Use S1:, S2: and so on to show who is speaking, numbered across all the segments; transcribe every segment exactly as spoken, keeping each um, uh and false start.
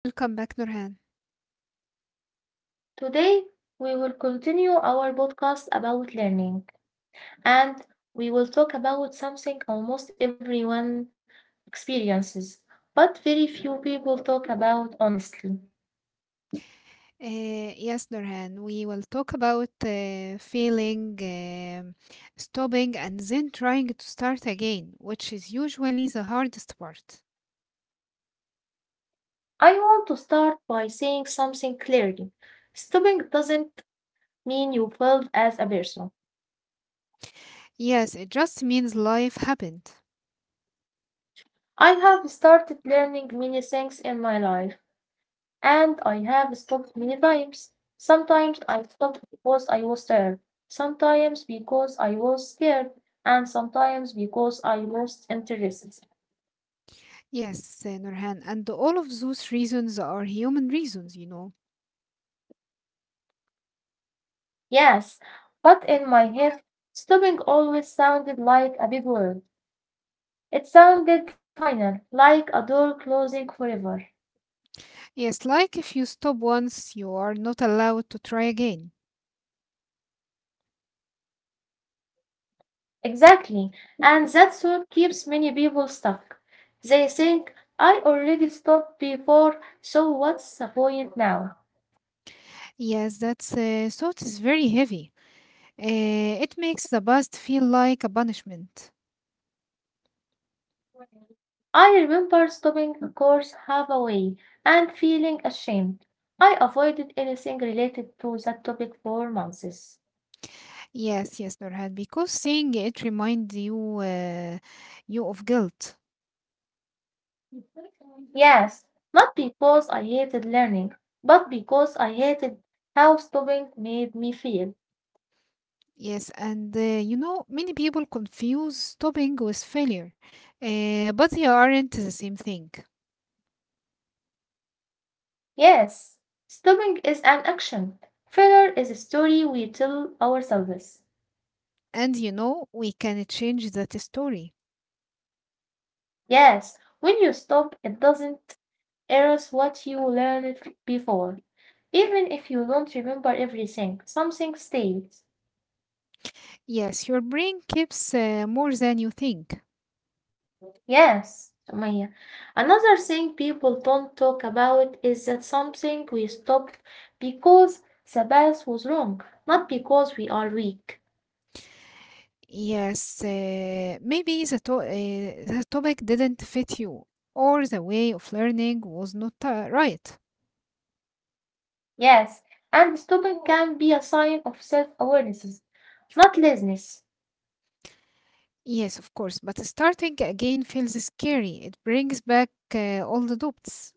S1: Welcome back, Nurhan.
S2: Today, we will continue our podcast about learning and we will talk about something almost everyone experiences, but very few people talk about honestly.
S1: Uh, yes, Nurhan, we will talk about uh, feeling, um stopping, and then trying to start again, which is usually the hardest part.
S2: I want to start by saying something clearly. Stopping doesn't mean you failed as a person.
S1: Yes, it just means life happened.
S2: I have started learning many things in my life, and I have stopped many times. Sometimes I stopped because I was tired, sometimes because I was scared, and sometimes because I lost interest.
S1: Yes, uh, Nurhan, and all of those reasons are human reasons, you know.
S2: Yes, but in my head, stopping always sounded like a big word. It sounded final, like a door closing forever.
S1: Yes, like if you stop once, you are not allowed to try again.
S2: Exactly. And that's what keeps many people stuck. They think, I already stopped before, so what's the point now?
S1: Yes, that's uh, thought is very heavy. Uh, it makes the past feel like a punishment.
S2: I remember stopping a course halfway and feeling ashamed. I avoided anything related to that topic for months.
S1: Yes, yes, Nurhan, because saying it reminds you uh, you of guilt.
S2: Yes, not because I hated learning, but because I hated how stopping made me feel.
S1: Yes, and uh, you know, many people confuse stopping with failure, uh, but they aren't the same thing.
S2: Yes, stopping is an action. Failure is a story we tell ourselves.
S1: And you know, we can change that story.
S2: Yes, when you stop, it doesn't erase what you learned f- before. Even if you don't remember everything, something stays.
S1: Yes, your brain keeps uh, more than you think.
S2: Yes, Maya. Another thing people don't talk about is that something we stopped because the path was wrong, not because we are weak.
S1: Yes, uh, maybe the, to- uh, the topic didn't fit you, or the way of learning was not uh, right.
S2: Yes, and stopping can be a sign of self awareness, not laziness.
S1: Yes, of course, but starting again feels scary. It brings back uh, all the doubts.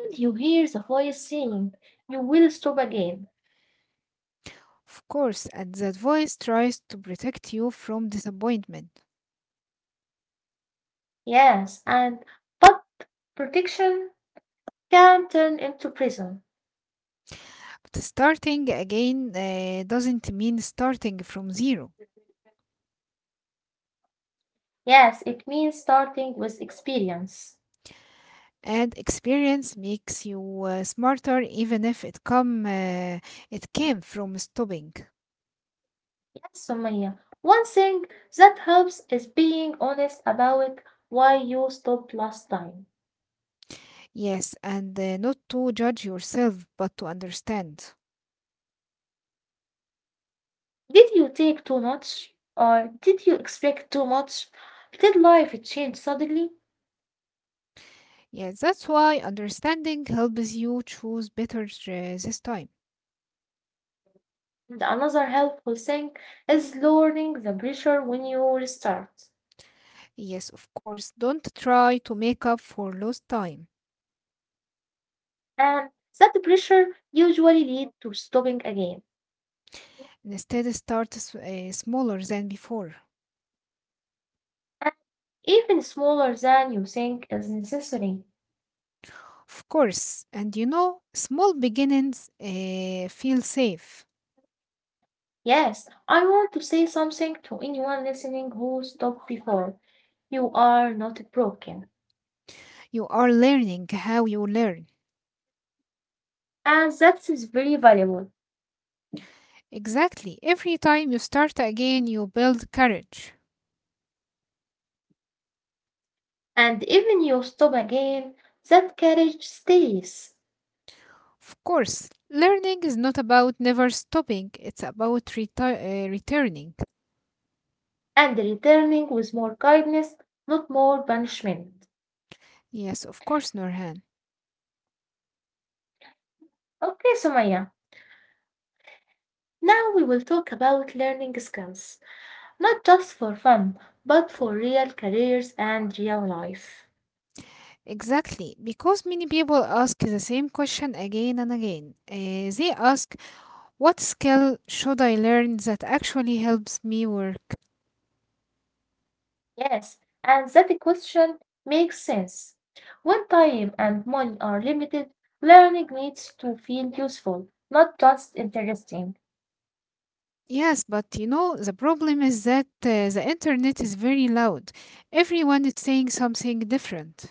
S2: When you hear the voice saying, you will stop again.
S1: Of course, and that voice tries to protect you from disappointment.
S2: Yes, and but protection can turn into prison.
S1: But starting again uh, doesn't mean starting from zero.
S2: Yes, it means starting with experience.
S1: And experience makes you uh, smarter, even if it come uh, it came from stopping.
S2: Yes, Sumaya. One thing that helps is being honest about why you stopped last time.
S1: Yes, and uh, not to judge yourself, but to understand.
S2: Did you take too much? Or did you expect too much? Did life change suddenly?
S1: Yes, that's why understanding helps you choose better uh, this time.
S2: And another helpful thing is lowering the pressure when you restart.
S1: Yes, of course. Don't try to make up for lost time.
S2: And that pressure usually leads to stopping again,
S1: Instead, start s- uh, smaller than before.
S2: and even smaller than you think is necessary.
S1: Of course. And you know, small beginnings uh, feel safe.
S2: Yes, I want to say something to anyone listening who stopped before. You are not broken.
S1: You are learning how you learn.
S2: And that is very valuable.
S1: Exactly. Every time you start again, you build courage.
S2: And even you stop again, that courage stays.
S1: Of course, learning is not about never stopping, it's about reti- uh, returning.
S2: And returning with more kindness, not more punishment.
S1: Yes, of course, Norhan.
S2: Okay, Sumaya. Now we will talk about learning skills, not just for fun, but for real careers and real life.
S1: Exactly, because many people ask the same question again and again. Uh, they ask, what skill should I learn that actually helps me work?
S2: Yes, and that question makes sense. When time and money are limited, learning needs to feel useful, not just interesting.
S1: Yes, but you know, the problem is that uh, the internet is very loud. Everyone is saying something different.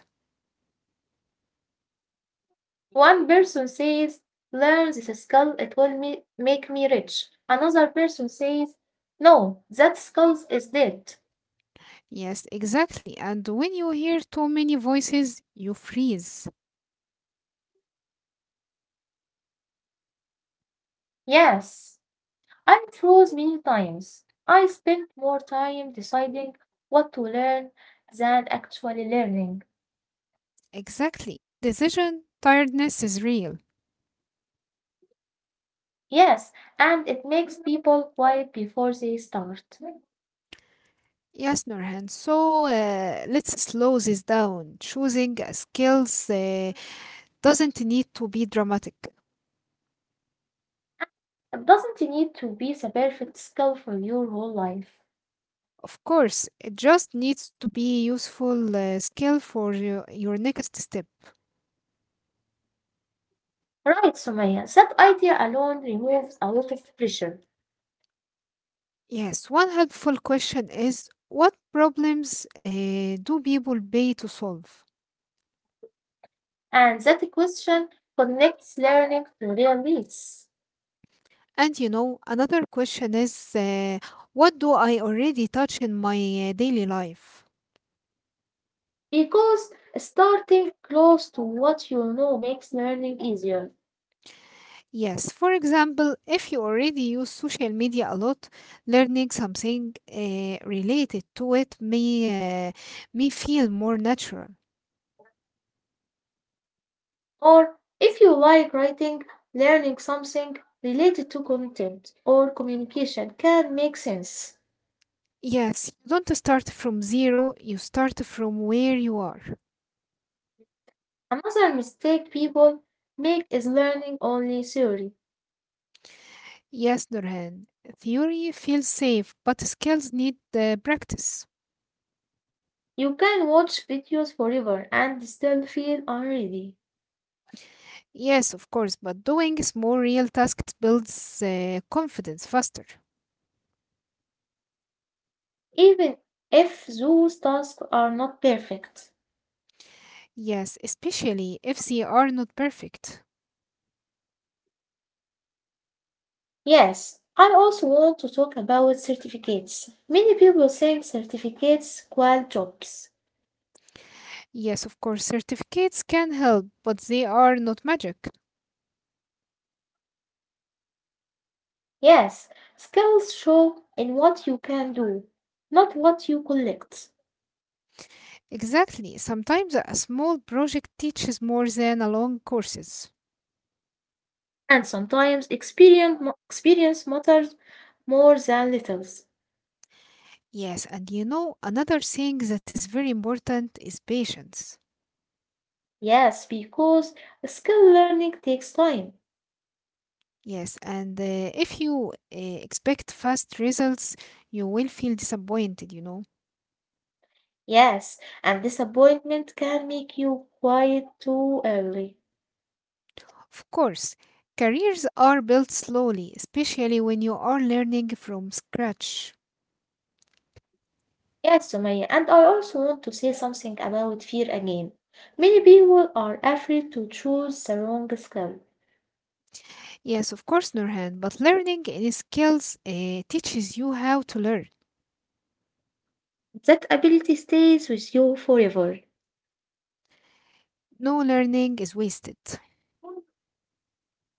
S2: One person says, learn this skill, it will me- make me rich. Another person says, no, that skill is dead.
S1: Yes, exactly. And when you hear too many voices, you freeze.
S2: Yes, I chose many times. I spent more time deciding what to learn than actually learning.
S1: Exactly. Decision tiredness is real.
S2: Yes, and it makes people quiet before they start.
S1: Yes, Nurhan. So uh, let's slow this down. Choosing uh, skills uh, doesn't need to be dramatic.
S2: It doesn't need to be the perfect skill for your whole life.
S1: Of course, it just needs to be useful uh, skill for your, your next step.
S2: Right, Sumaya, that idea alone removes a lot of pressure.
S1: Yes, one helpful question is what problems uh, do people pay to solve?
S2: And that question connects learning to real needs.
S1: And you know, another question is uh, what do I already touch in my uh, daily life?
S2: Because starting close to what you know makes learning easier.
S1: Yes, for example, if you already use social media a lot, learning something uh, related to it may, uh, may feel more natural.
S2: Or if you like writing, learning something related to content or communication can make sense.
S1: Yes, you don't start from zero, you start from where you are.
S2: Another mistake people make is learning only theory.
S1: Yes, Nurhan, theory feels safe, but skills need uh, practice.
S2: You can watch videos forever and still feel unready,
S1: Yes, of course, but doing small real tasks builds uh, confidence faster.
S2: even if those tasks are not perfect.
S1: Yes, especially if they are not perfect.
S2: Yes, I also want to talk about certificates. Many people think certificates equal jobs.
S1: Yes, of course, certificates can help, but they are not magic.
S2: Yes, skills show in what you can do, not what you collect.
S1: Exactly, sometimes a small project teaches more than a long courses.
S2: And sometimes experience, ma- experience matters more than littles.
S1: Yes, and you know, another thing that is very important is patience.
S2: Yes, because skill learning takes time.
S1: Yes, and uh, if you uh, expect fast results, you will feel disappointed, you know.
S2: Yes, and disappointment can make you quiet too early.
S1: Of course, careers are built slowly, especially when you are learning from scratch.
S2: Yes, Sumaya, and I also want to say something about fear again. Many people are afraid to choose the wrong skill.
S1: Yes, of course, Nurhan, but learning any skills uh, teaches you how to learn.
S2: That ability stays with you forever.
S1: No learning is wasted.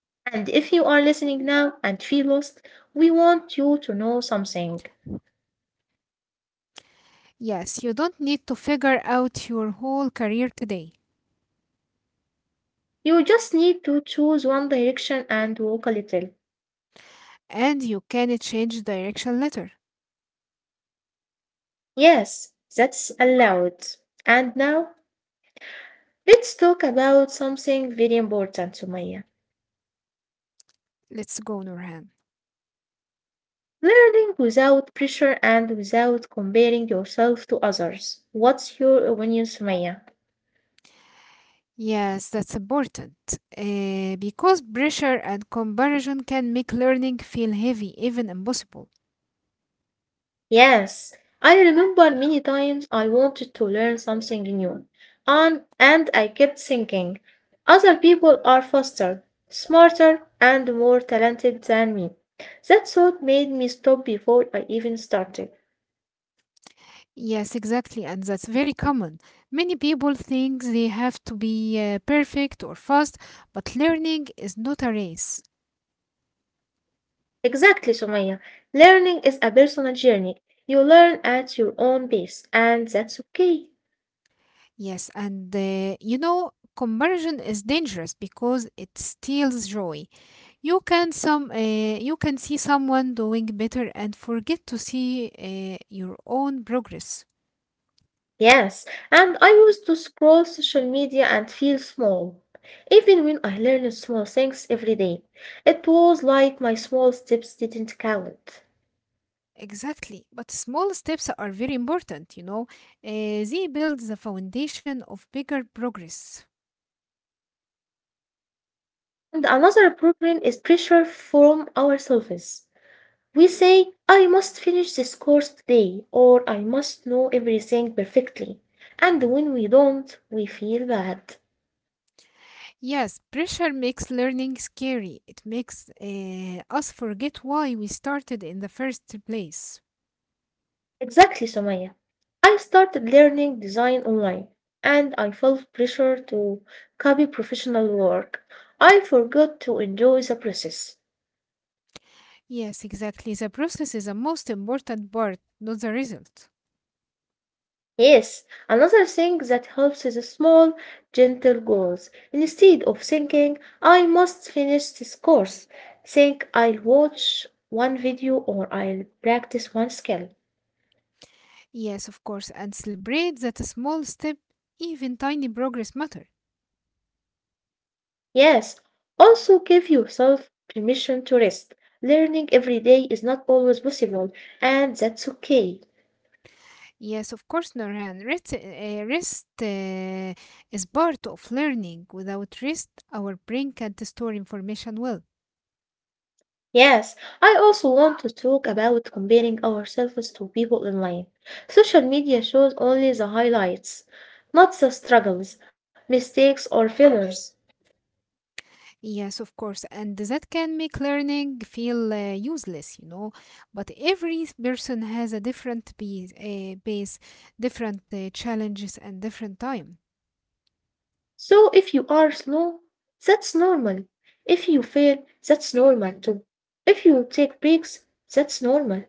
S2: And if you are listening now and feel lost, we want you to know something.
S1: Yes, you don't need to figure out your whole career today
S2: You just need to choose one direction and walk a little.
S1: and you can change direction later.
S2: Yes, that's allowed. And now, let's talk about something very important, Sumaya.
S1: Let's go, Nurhan.
S2: Learning without pressure and without comparing yourself to others. What's your opinion, Sumaya?
S1: Yes, that's important uh, because pressure and comparison can make learning feel heavy, even impossible.
S2: Yes, I remember many times I wanted to learn something new, and, and I kept thinking, other people are faster, smarter, and more talented than me. That thought made me stop before I even started.
S1: Yes, exactly, and that's very common. Many people think they have to be uh, perfect or fast, but learning is not a race.
S2: Exactly, Sumaya. Learning is a personal journey. You learn at your own pace, and that's okay.
S1: Yes, and uh, you know, comparison is dangerous because it steals joy. You can some uh, you can see someone doing better and forget to see uh, your own progress.
S2: Yes, and I used to scroll social media and feel small, even when I learned small things every day. It was like my small steps didn't count.
S1: Exactly, but small steps are very important, you know. Uh, they build the foundation of bigger progress.
S2: And another problem is pressure from ourselves. We say, I must finish this course today, or I must know everything perfectly. And when we don't, we feel bad.
S1: Yes, pressure makes learning scary. It makes uh, us forget why we started in the first place.
S2: Exactly, Somaya. I started learning design online and I felt pressure to copy professional work. I forgot to enjoy the process.
S1: Yes, exactly. The process is the most important part, not the result.
S2: Yes, another thing that helps is small, gentle goals. Instead of thinking, I must finish this course, think I'll watch one video or I'll practice one skill.
S1: Yes, of course, and celebrate that a small step, even tiny progress matter.
S2: Yes, also give yourself permission to rest. Learning every day is not always possible, and that's okay.
S1: Yes, of course, Norhan. Rest, uh, rest uh, is part of learning. Without rest, our brain can't store information well.
S2: Yes, I also want to talk about comparing ourselves to people online. Social media shows only the highlights, not the struggles, mistakes, or failures.
S1: Yes, of course. And that can make learning feel uh, useless, you know. But every person has a different base, uh, base different uh, challenges, and different time.
S2: So if you are slow, that's normal. If you fail, that's normal too. If you take breaks, that's normal.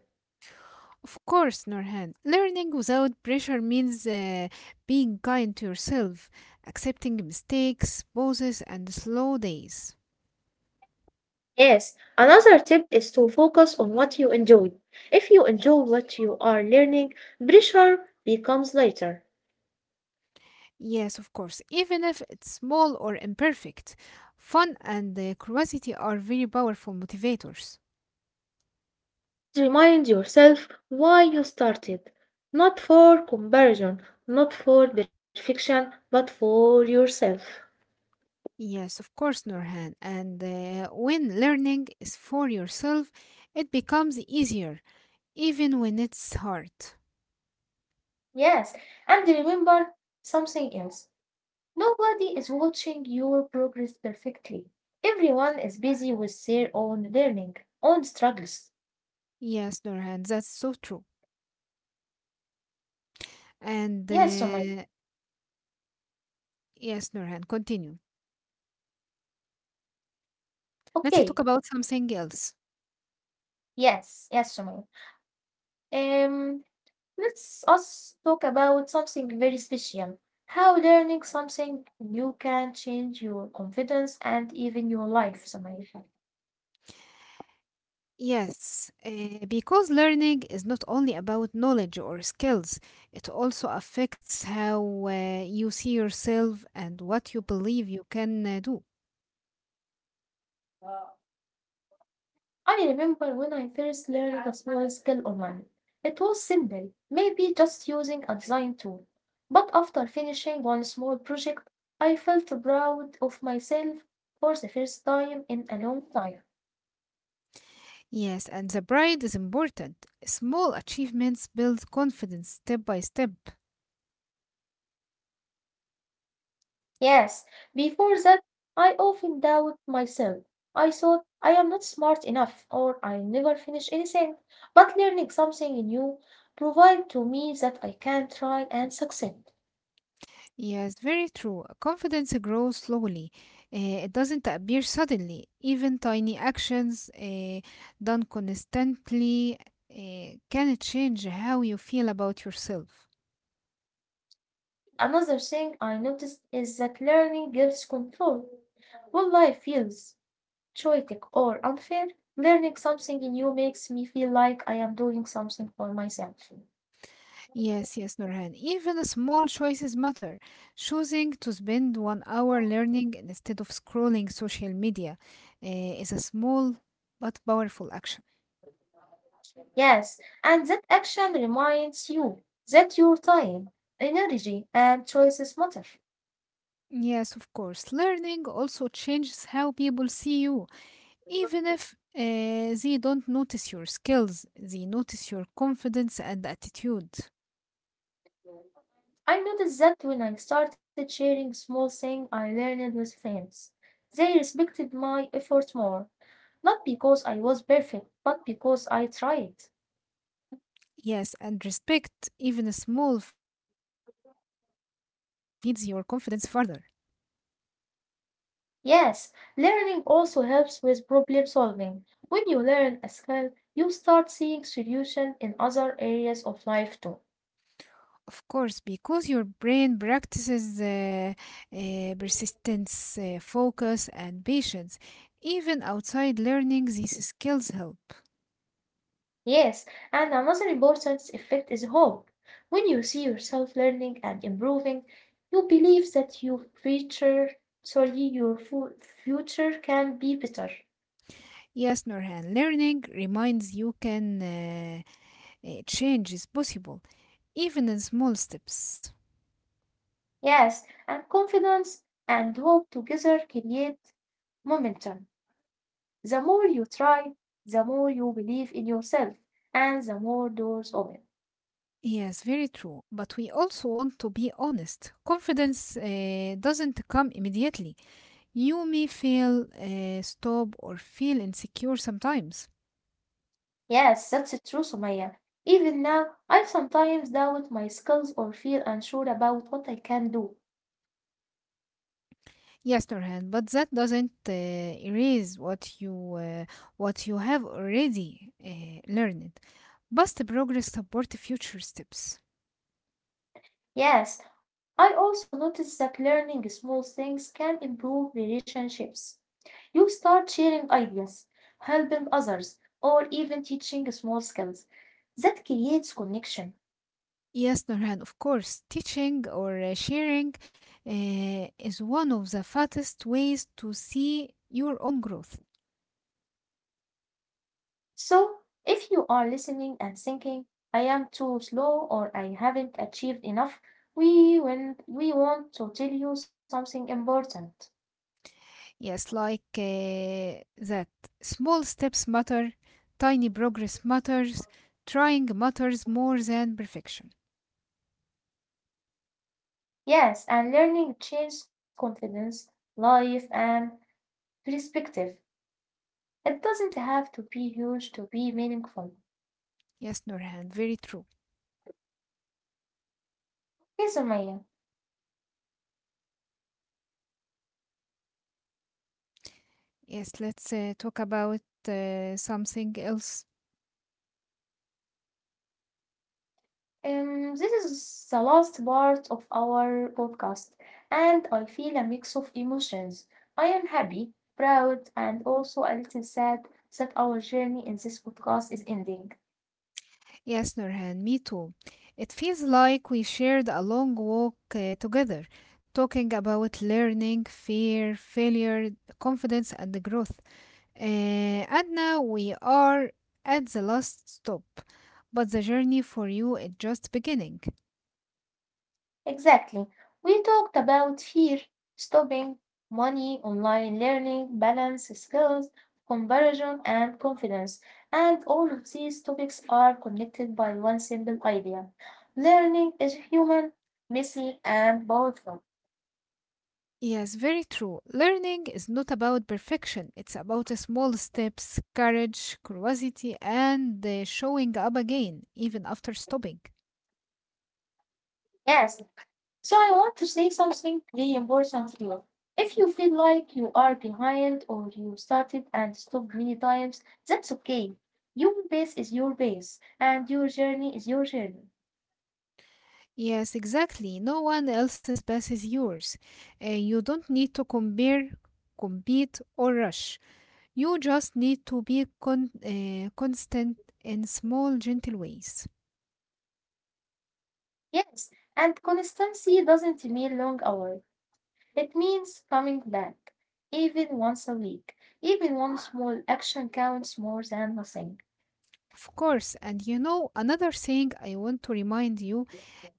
S1: Of course, Norhan. Learning without pressure means uh, being kind to yourself, accepting mistakes, pauses, and slow days.
S2: Yes, another tip is to focus on what you enjoy. If you enjoy what you are learning, pressure becomes lighter.
S1: Yes, of course. Even if it's small or imperfect, fun and uh, curiosity are very powerful motivators.
S2: Remind yourself why you started, not for comparison, not for perfection, but for yourself.
S1: Yes, of course, Nurhan. And uh, when learning is for yourself, it becomes easier, even when it's hard.
S2: Yes, and remember something else. Nobody is watching your progress perfectly. Everyone is busy with their own learning, own struggles.
S1: Yes, Nurhan, that's so true. And
S2: Yes, Sumay.
S1: uh, yes, Nurhan, continue.
S2: Okay.
S1: Let's talk about something else.
S2: Yes, yes, Sumay. Um, let's us talk about something very special. How learning something new can change your confidence and even your life, Samaya.
S1: Yes, uh, because learning is not only about knowledge or skills, it also affects how uh, you see yourself and what you believe you can uh, do.
S2: I remember when I first learned a small skill online. It was simple, maybe just using a design tool. But after finishing one small project, I felt proud of myself for the first time in a long time.
S1: Yes, and the pride is important. Small achievements build confidence step by step.
S2: Yes, before that I often doubted myself. I thought I am not smart enough or I never finish anything. But learning something new provide to me that I can try and succeed.
S1: Yes, very true. Confidence grows slowly, Uh, it doesn't appear suddenly. Even tiny actions uh, done constantly uh, can change how you feel about yourself.
S2: Another thing I noticed is that learning gives control. When life feels chaotic or unfair, learning something new makes me feel like I am doing something for myself.
S1: Yes, yes, Nurhan. Even small choices matter. Choosing to spend one hour learning instead of scrolling social media eh, is a small but powerful action.
S2: Yes, and that action reminds you that your time, energy, and choices matter.
S1: Yes, of course. Learning also changes how people see you. Even if eh, they don't notice your skills, they notice your confidence and attitude.
S2: I noticed that when I started sharing small things I learned with friends, they respected my effort more, not because I was perfect, but because I tried.
S1: Yes, and respect, even small, feeds your confidence further.
S2: Yes, learning also helps with problem solving. When you learn a skill, you start seeing solutions in other areas of life too.
S1: Of course, because your brain practices uh, uh, persistence, uh, focus, and patience. Even outside learning, these skills help.
S2: Yes, and another important effect is hope. When you see yourself learning and improving, you believe that your future, sorry, your fu- future can be better.
S1: Yes, Norhan, learning reminds you can uh, uh, change is possible, even in small steps.
S2: Yes, and confidence and hope together create momentum. The more you try, the more you believe in yourself, and the more doors open.
S1: Yes, very true. But we also want to be honest. Confidence uh, doesn't come immediately. You may feel, uh, stop, or feel insecure sometimes.
S2: Yes, that's true, Sumaya. Even now, I sometimes doubt my skills or feel unsure about what I can do.
S1: Yes, Nurhan, but that doesn't uh, erase what you uh, what you have already uh, learned. Past progress support future steps.
S2: Yes, I also noticed that learning small things can improve relationships. You start sharing ideas, helping others, or even teaching small skills. That creates connection.
S1: Yes, Nurhan, of course, teaching or uh, sharing uh, is one of the fastest ways to see your own growth.
S2: So, if you are listening and thinking, I am too slow or I haven't achieved enough, we, will, we want to tell you something important.
S1: Yes, like uh, that. Small steps matter, tiny progress matters, trying matters more than perfection.
S2: Yes, and learning changes confidence, life, and perspective. It doesn't have to be huge to be meaningful.
S1: Yes, Nurhan, very true.
S2: Okay, Sumaya,
S1: Yes, let's uh, talk about uh, something else.
S2: um, this is the last part of our podcast, and I feel a mix of emotions. I am happy, proud, and also a little sad that our journey in this podcast is ending.
S1: Yes, Nurhan, me too. It feels like we shared a long walk uh, together, talking about learning, fear, failure, confidence, and the growth. Uh, and now we are at the last stop, but the journey for you is just beginning.
S2: Exactly. We talked about fear, stopping, money, online learning, balance, skills, comparison, and confidence. And all of these topics are connected by one simple idea. Learning is human, messy, and powerful.
S1: Yes, very true. Learning is not about perfection, it's about small steps, courage, curiosity, and uh, showing up again, even after stopping.
S2: Yes. So I want to say something really important here. If you feel like you are behind or you started and stopped many times, that's okay. Your pace is your pace, and your journey is your journey.
S1: Yes, exactly. No one else's path is yours. Uh, you don't need to compare, compete, or rush. You just need to be con- uh, constant in small, gentle ways.
S2: Yes, and consistency doesn't mean long hours. It means coming back, even once a week. Even one small action counts more than nothing.
S1: Of course, and you know, another thing I want to remind you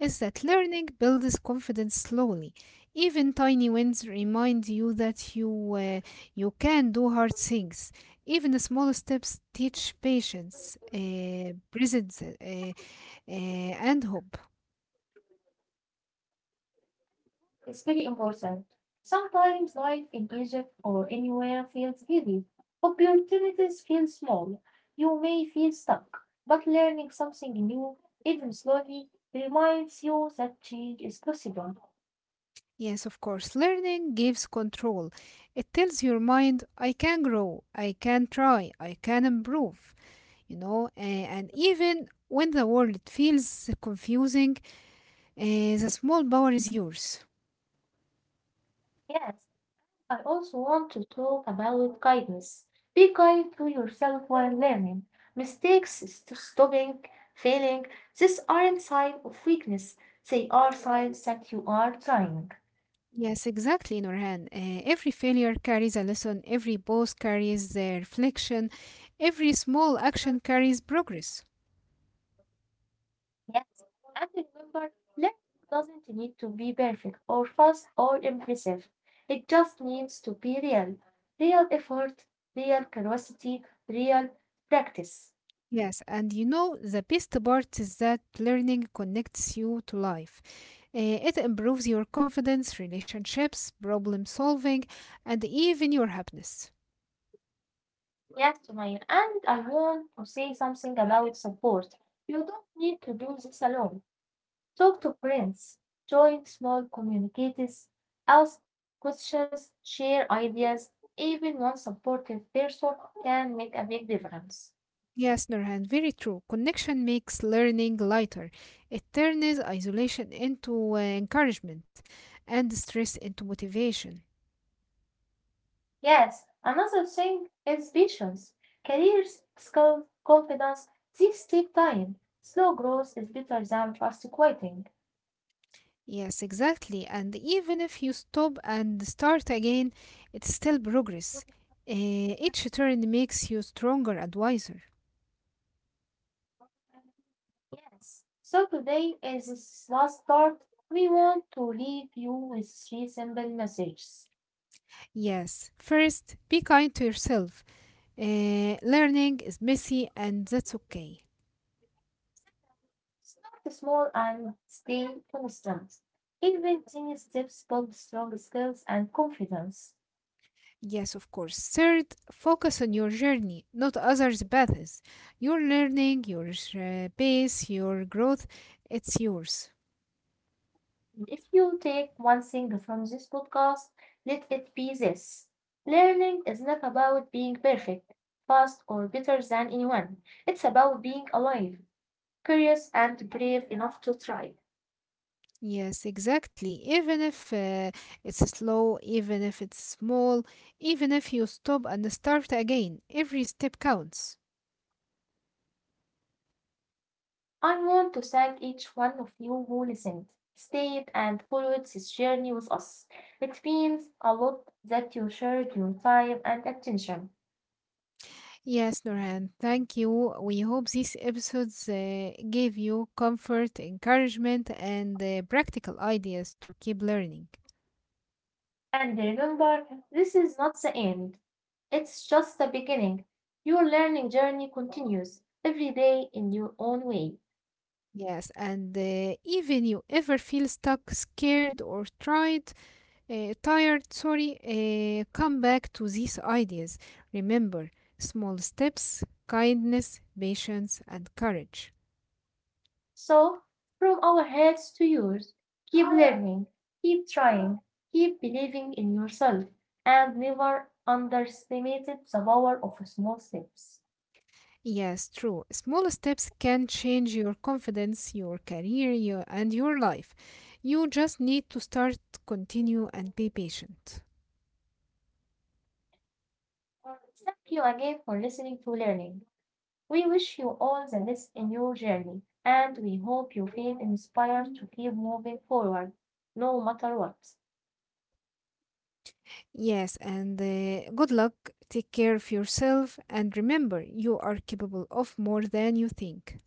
S1: is that learning builds confidence slowly. Even tiny wins remind you that you uh, you can do hard things. Even the small steps teach patience, uh, presence, uh, uh, and hope.
S2: It's very important. Sometimes life in Egypt or anywhere feels heavy. Opportunities feel small. You may feel stuck, but learning something new, even slowly, reminds you that change is possible.
S1: Yes, of course. Learning gives control. It tells your mind, I can grow, I can try, I can improve, you know, uh, and even when the world feels confusing, uh, the small power is yours.
S2: Yes. I also want to talk about guidance. Be kind to yourself while learning. Mistakes, st- stopping, failing, these aren't signs of weakness. They are signs that you are trying.
S1: Yes, exactly, Nurhan. Uh, every failure carries a lesson, every pause carries the reflection, every small action carries progress.
S2: Yes, and remember, learning doesn't need to be perfect or fast or impressive. It just needs to be real. Real effort, real curiosity, real practice.
S1: Yes, and you know, the best part is that learning connects you to life. Uh, it improves your confidence, relationships, problem solving, and even your happiness.
S2: Yes, Sumaya, and I want to say something about support. You don't need to do this alone. Talk to friends, join small communities, ask questions, share ideas. Even one supportive person can make a big difference.
S1: Yes, Nurhan, very true. Connection makes learning lighter. It turns isolation into uh, encouragement and stress into motivation.
S2: Yes, another thing is patience. Careers, skills, confidence, these take time. Slow growth is better than fast quitting.
S1: Yes, exactly. And even if you stop and start again, it's still progress. Uh, each turn makes you stronger and wiser.
S2: Yes. So today, as this last part, we want to leave you with three simple messages.
S1: Yes, first, be kind to yourself. Uh, learning is messy and that's okay.
S2: Start small and stay constant. Even tiny steps build strong skills and confidence.
S1: Yes, of course. Third, focus on your journey, not others' paths. Your learning, your uh, pace, your growth, it's yours.
S2: And if you take one thing from this podcast, let it be this. Learning is not about being perfect, fast, or better than anyone. It's about being alive, curious, and brave enough to try.
S1: Yes, exactly. Even if uh, it's slow, even if it's small, even if you stop and start again, every step counts.
S2: I want to thank each one of you who listened, stayed, and followed this journey with us. It means a lot that you shared your time and attention.
S1: Yes, Nurhan, thank you. We hope these episodes uh, gave you comfort, encouragement, and uh, practical ideas to keep learning.
S2: And remember, this is not the end, it's just the beginning. Your learning journey continues every day in your own way.
S1: Yes, and uh, even you ever feel stuck, scared, or tried, uh, tired, sorry, uh, come back to these ideas. Remember, small steps, kindness, patience, and courage.
S2: So, from our heads to yours, keep learning, keep trying, keep believing in yourself, and never underestimate the power of small steps.
S1: Yes, true. Small steps can change your confidence, your career, your, and your life. You just need to start, continue, and be patient.
S2: Thank you again for listening to Learning. We wish you all the best in your journey, and we hope you feel inspired to keep moving forward, no matter what.
S1: Yes, and uh, good luck. Take care of yourself, and remember, you are capable of more than you think.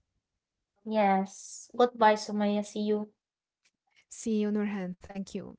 S2: Yes. Goodbye, Sumaya. See you.
S1: See you, Nurhan. Thank you.